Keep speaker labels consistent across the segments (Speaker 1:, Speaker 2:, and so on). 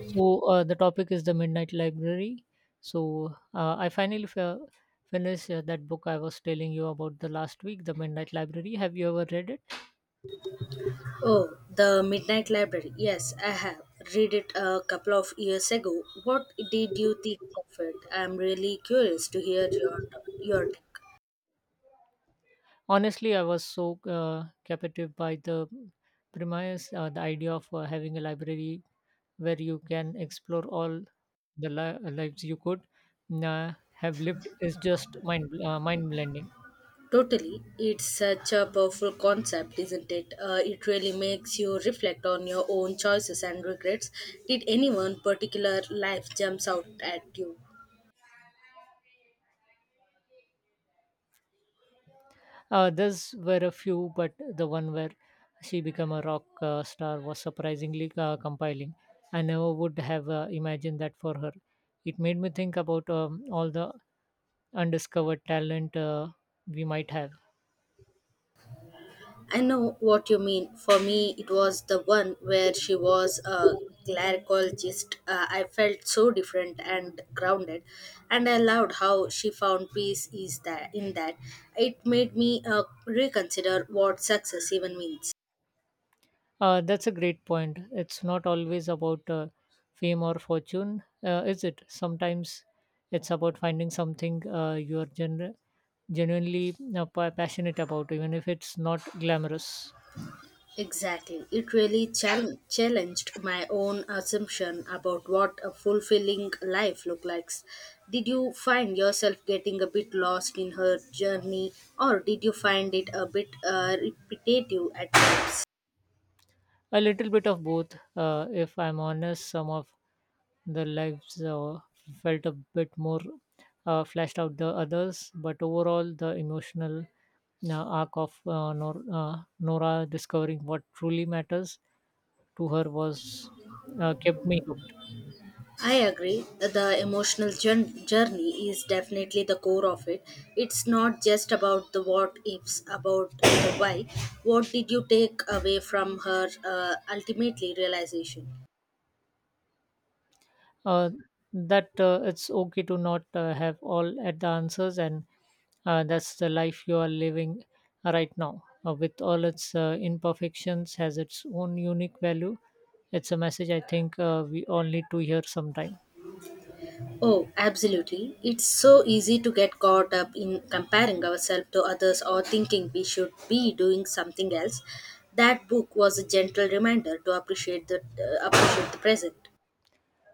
Speaker 1: The topic is the Midnight Library. I finished that book I was telling you about the last week, the Midnight Library. Have you ever read it?
Speaker 2: Oh, The Midnight Library. Yes, I have read it a couple of years ago. What did you think of it? I'm really curious to hear your take.
Speaker 1: Honestly, I was so captivated by the premise, the idea of having a library where you can explore all the lives you could have lived is just mind blending.
Speaker 2: Totally, it's such a powerful concept, isn't it? It really makes you reflect on your own choices and regrets. Did anyone particular life jumps out at you?
Speaker 1: Those were a few, but the one where she became a rock star was surprisingly compelling. I never would have imagined that for her. It made me think about all the undiscovered talent we might have.
Speaker 2: I know what you mean. For me, it was the one where she was a glycologist. I felt so different and grounded, and I loved how she found peace is that in that. It made me reconsider what success even means.
Speaker 1: That's a great point. It's not always about fame or fortune, is it? Sometimes it's about finding something you're genuinely passionate about, even if it's not glamorous.
Speaker 2: Exactly. It really challenged my own assumption about what a fulfilling life looks like. Did you find yourself getting a bit lost in her journey, or did you find it a bit repetitive at times?
Speaker 1: A little bit of both, if I'm honest. Some of the lives felt a bit more fleshed out the others, but overall, the emotional arc of Nora discovering what truly matters to her was kept me hooked.
Speaker 2: I agree. The emotional journey is definitely the core of it. It's not just about the what ifs, about the why. What did you take away from her ultimately realization?
Speaker 1: uh, that it's okay to not have all at the answers, and that's the life you are living right now with all its imperfections has its own unique value. It's a message I think we all need to hear sometime.
Speaker 2: Oh, absolutely. It's so easy to get caught up in comparing ourselves to others or thinking we should be doing something else. That book was a gentle reminder to appreciate the present.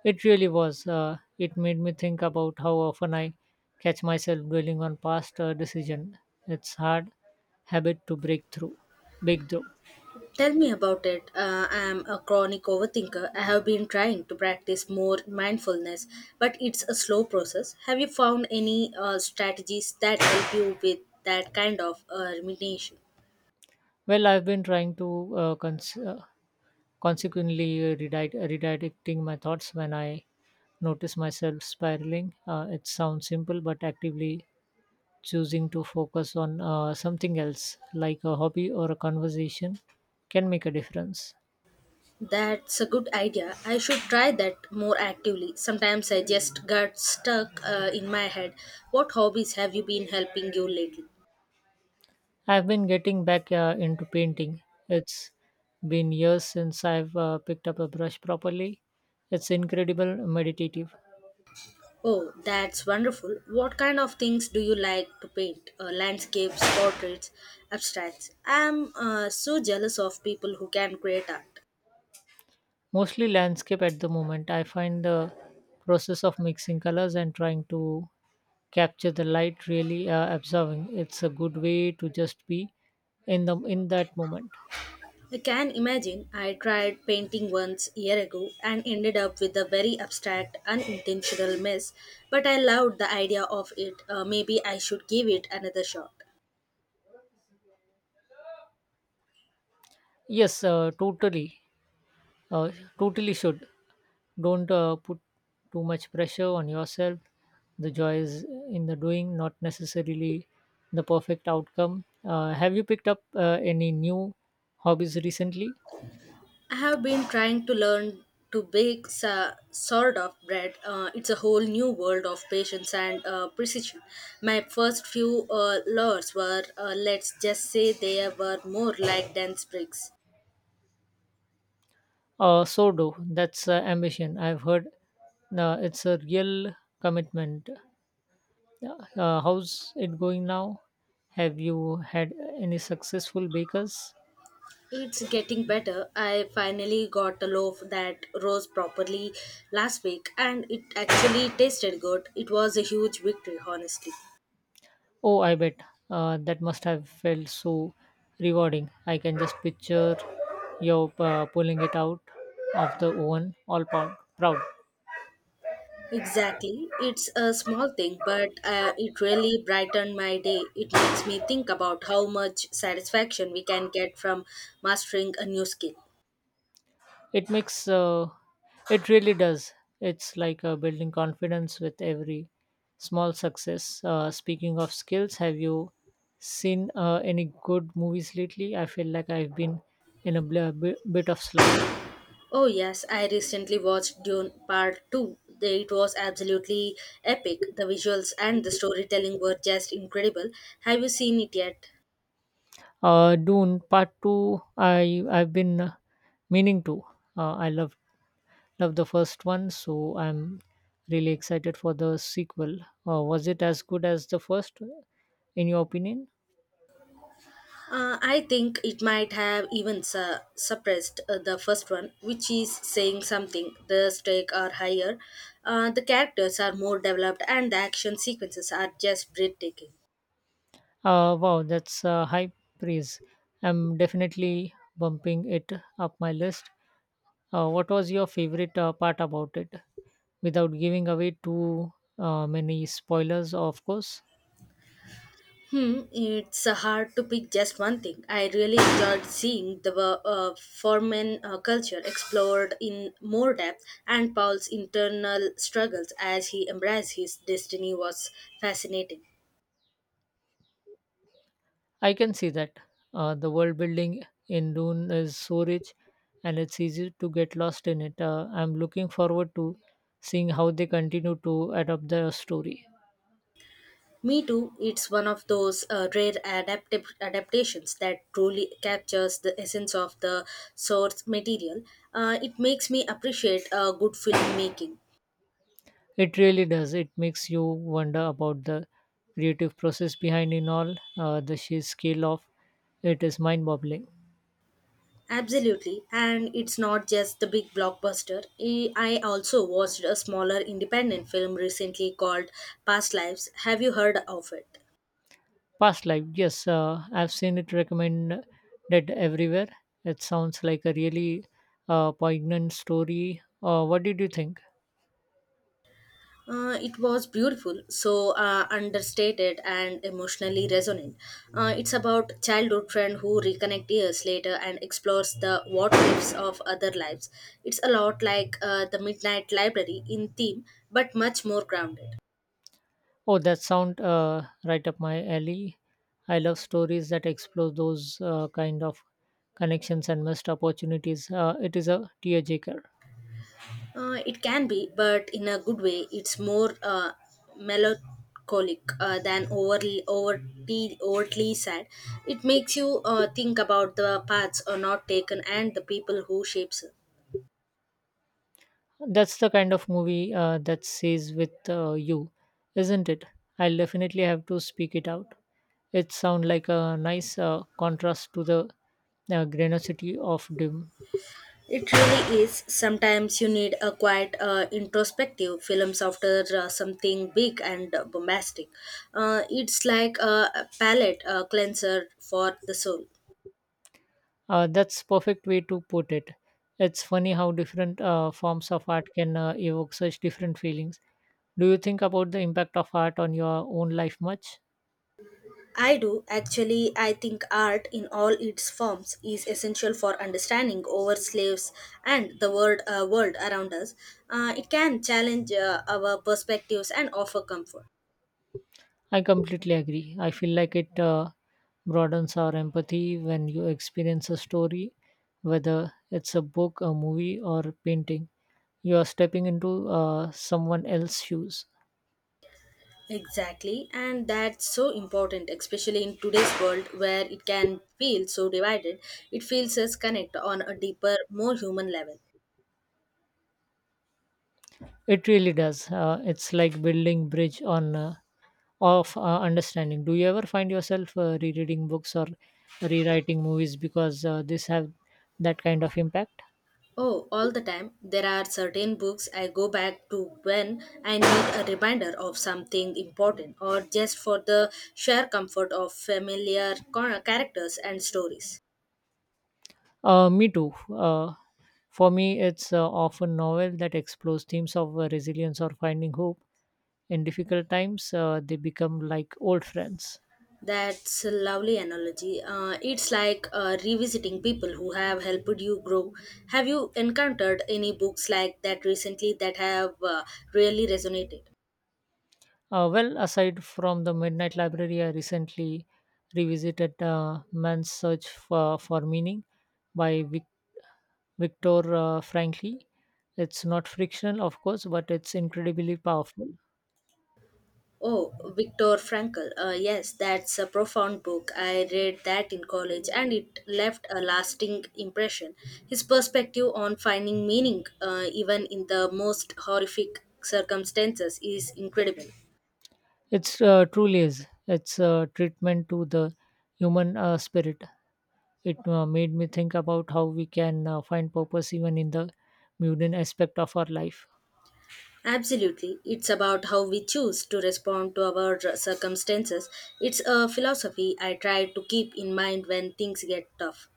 Speaker 1: It really was. It made me think about how often I catch myself dwelling on past decision. It's hard habit to break through.
Speaker 2: Tell me about it. I am a chronic overthinker. I have been trying to practice more mindfulness, but it's a slow process. Have you found any strategies that help you with that kind of rumination?
Speaker 1: Well, I've been trying to uh, cons- uh, consequently, redirecting my thoughts when I notice myself spiraling. It sounds simple, but actively choosing to focus on something else, like a hobby or a conversation, can make a difference.
Speaker 2: That's a good idea. I should try that more actively. Sometimes I just get stuck in my head. What hobbies have you been helping you lately?
Speaker 1: I've been getting back into painting. It's been years since I've picked up a brush properly. It's incredible meditative.
Speaker 2: Oh, that's wonderful. What kind of things do you like to paint? Landscapes, portraits, abstracts. I'm so jealous of people who can create art.
Speaker 1: Mostly landscape at the moment. I find the process of mixing colors and trying to capture the light really absorbing. It's a good way to just be in that moment.
Speaker 2: I can imagine I tried painting once year ago and ended up with a very abstract, unintentional mess, but I loved the idea of it. Maybe I should give it another shot.
Speaker 1: Yes, totally. Uh, Totally should. Don't put too much pressure on yourself. The joy is in the doing, not necessarily the perfect outcome. Have you picked up any new hobbies recently?
Speaker 2: I have been trying to learn to bake sort of bread. It's a whole new world of patience and precision. My first few loaves were, let's just say, they were more like dense bricks.
Speaker 1: So do that's ambition. I've heard it's a real commitment. How's it going now? Have you had any successful bakers?
Speaker 2: It's getting better. I finally got a loaf that rose properly last week and it actually tasted good. It was a huge victory, honestly.
Speaker 1: Oh, I bet that must have felt so rewarding. I can just picture you pulling it out of the oven, all proud.
Speaker 2: Exactly. It's a small thing, but it really brightened my day. It makes me think about how much satisfaction we can get from mastering a new skill.
Speaker 1: It makes uh, it really does. It's like building confidence with every small success. Speaking of skills, have you seen any good movies lately? I feel like I've been in a bit of slump.
Speaker 2: Oh, yes, I recently watched Dune Part 2. It was absolutely epic. The visuals and the storytelling were just incredible. Have you seen it yet?
Speaker 1: Dune Part Two. I've been meaning to. I love the first one, so I'm really excited for the sequel. Was it as good as the first, in your opinion?
Speaker 2: I think it might have even suppressed the first one, which is saying something. The stakes are higher, the characters are more developed, and the action sequences are just breathtaking.
Speaker 1: Wow, that's high praise. I'm definitely bumping it up my list. What was your favorite part about it? Without giving away too many spoilers, of course.
Speaker 2: Hmm, it's hard to pick just one thing. I really enjoyed seeing the foreman culture explored in more depth, and Paul's internal struggles as he embraced his destiny was fascinating.
Speaker 1: I can see that. The world building in Dune is so rich, and it's easy to get lost in it. I'm looking forward to seeing how they continue to adapt the story.
Speaker 2: Me Too, it's one of those rare adaptive adaptations that truly captures the essence of the source material. It makes me appreciate good filmmaking.
Speaker 1: It really does. It makes you wonder about the creative process behind in all the sheer scale of it is mind-boggling.
Speaker 2: Absolutely, and it's not just the big blockbuster. I also watched a smaller independent film recently called Past Lives. Have you heard of it?
Speaker 1: Past life, yes, I've seen it recommended everywhere. It sounds like a really poignant story. What did you think?
Speaker 2: It was beautiful, so understated and emotionally resonant. It's about childhood friend who reconnect years later and explores the what ifs of other lives. It's a lot like the Midnight Library in theme, but much more grounded.
Speaker 1: Oh, that sound right up my alley. I love stories that explore those kind of connections and missed opportunities. It is a tearjerker.
Speaker 2: It can be, but in a good way. It's more melancholic than overly overtly overtly sad. It makes you think about the paths are not taken and the people who shapes
Speaker 1: That's the kind of movie that stays with you, isn't it? I'll definitely have to speak it out. It sounds like a nice contrast to the granosity of dim.
Speaker 2: It really is. Sometimes you need a quite introspective films after something big and bombastic. It's like a palate cleanser for the soul.
Speaker 1: That's perfect way to put it. It's funny how different forms of art can evoke such different feelings. Do you think about the impact of art on your own life much?
Speaker 2: I do actually. I think art in all its forms is essential for understanding our slaves and the world world around us. It can challenge our perspectives and offer comfort.
Speaker 1: I completely agree. I feel like it broadens our empathy when you experience a story, whether it's a book, a movie, or a painting. You are stepping into someone else's shoes.
Speaker 2: Exactly, and that's so important, especially in today's world where it can feel so divided. It feels us connect on a deeper, more human level.
Speaker 1: It really does. It's like building bridge on of understanding. Do you ever find yourself rereading books or rewriting movies because this have that kind of impact?
Speaker 2: Oh, all the time, there are certain books I go back to when I need a reminder of something important or just for the sheer comfort of familiar characters and stories.
Speaker 1: Me too. For me, it's often novel that explores themes of resilience or finding hope. In difficult times, they become like old friends.
Speaker 2: That's a lovely analogy. It's like revisiting people who have helped you grow. Have you encountered any books like that recently that have really resonated?
Speaker 1: Well, aside from the Midnight Library, I recently revisited Man's Search for Meaning by Victor Frankl. It's not fictional, of course, but it's incredibly powerful.
Speaker 2: Oh, Viktor Frankl. Yes, that's a profound book. I read that in college and it left a lasting impression. His perspective on finding meaning, even in the most horrific circumstances, is incredible.
Speaker 1: It's truly is. It's a treatment to the human spirit. It made me think about how we can find purpose even in the mundane aspect of our life.
Speaker 2: Absolutely. It's about how we choose to respond to our circumstances. It's a philosophy I try to keep in mind when things get tough.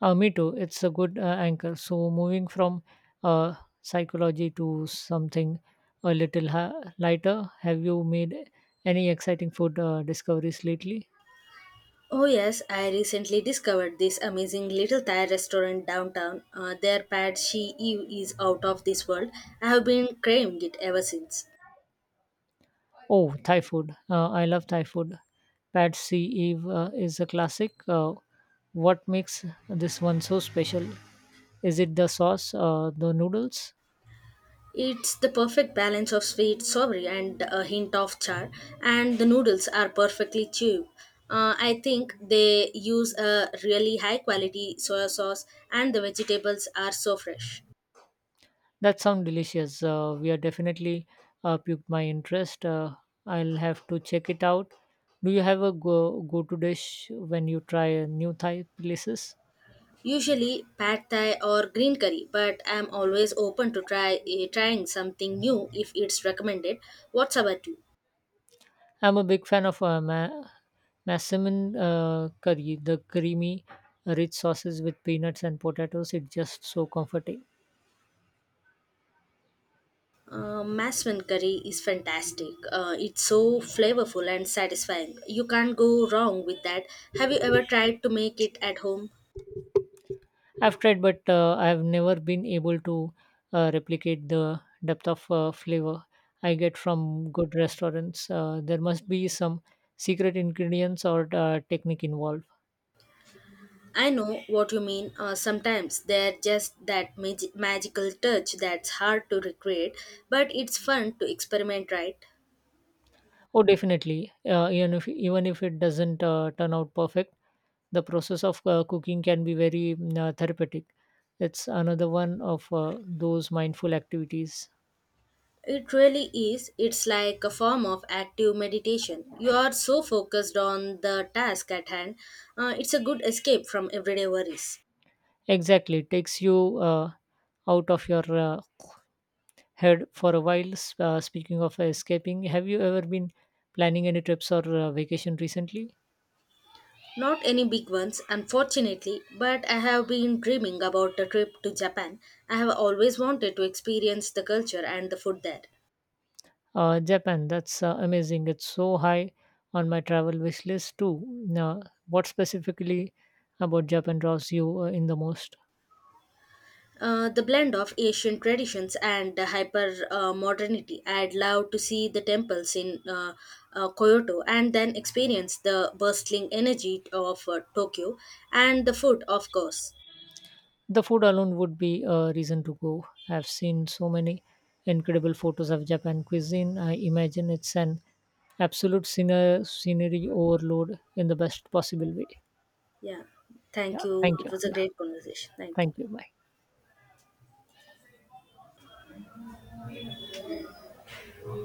Speaker 1: Me too. It's a good anchor. So moving from uh, psychology to something a little lighter, have you made any exciting food discoveries lately?
Speaker 2: Oh, yes, I recently discovered this amazing little Thai restaurant downtown. Their pad she ew is out of this world. I have been craving it ever since.
Speaker 1: Oh, Thai food. I love Thai food. Pad See Eve is a classic. What makes this one so special? Is it the sauce, the noodles?
Speaker 2: It's the perfect balance of sweet savory and a hint of char, and the noodles are perfectly chew. I think they use a really high quality soy sauce, and the vegetables are so fresh.
Speaker 1: That sounds delicious. We are definitely piqued my interest. I'll have to check it out. Do you have a go to dish when you try new Thai places?
Speaker 2: Usually pad thai or green curry, but I'm always open to trying something new if it's recommended. What's about you?
Speaker 1: I'm a big fan of massaman curry, the creamy, rich sauces with peanuts and potatoes. It's just so comforting.
Speaker 2: Maswan curry is fantastic. It's so flavorful and satisfying. You can't go wrong with that. Have you ever tried to make it at home?
Speaker 1: I've tried, but I've never been able to replicate the depth of flavor I get from good restaurants. There must be some secret ingredients or technique involved.
Speaker 2: I know what you mean. Sometimes they're just that magical touch that's hard to recreate, but it's fun to experiment, right?
Speaker 1: Oh, definitely. Even if it doesn't turn out perfect, the process of cooking can be very therapeutic. It's another one of those mindful activities.
Speaker 2: It really is. It's like a form of active meditation. You are so focused on the task at hand. It's a good escape from everyday worries.
Speaker 1: Exactly, it takes you out of your had for a while. Speaking of escaping, have you ever been planning any trips or vacation recently?
Speaker 2: Not any big ones, unfortunately, but I have been dreaming about a trip to Japan. I have always wanted to experience the culture and the food there.
Speaker 1: Japan, that's amazing. It's so high on my travel wish list too. Now, what specifically about Japan draws you in the most?
Speaker 2: The blend of Asian traditions and the hyper modernity. I'd love to see the temples in Kyoto and then experience the bustling energy of Tokyo and the food, of course.
Speaker 1: The food alone would be a reason to go. I've seen so many incredible photos of Japan cuisine. I imagine it's an absolute scenery overload in the best possible way.
Speaker 2: Yeah, thank
Speaker 1: Yeah, thank
Speaker 2: you.
Speaker 1: you.
Speaker 2: It was a
Speaker 1: Yeah,
Speaker 2: great conversation. Thank you.
Speaker 1: thank you. Bye.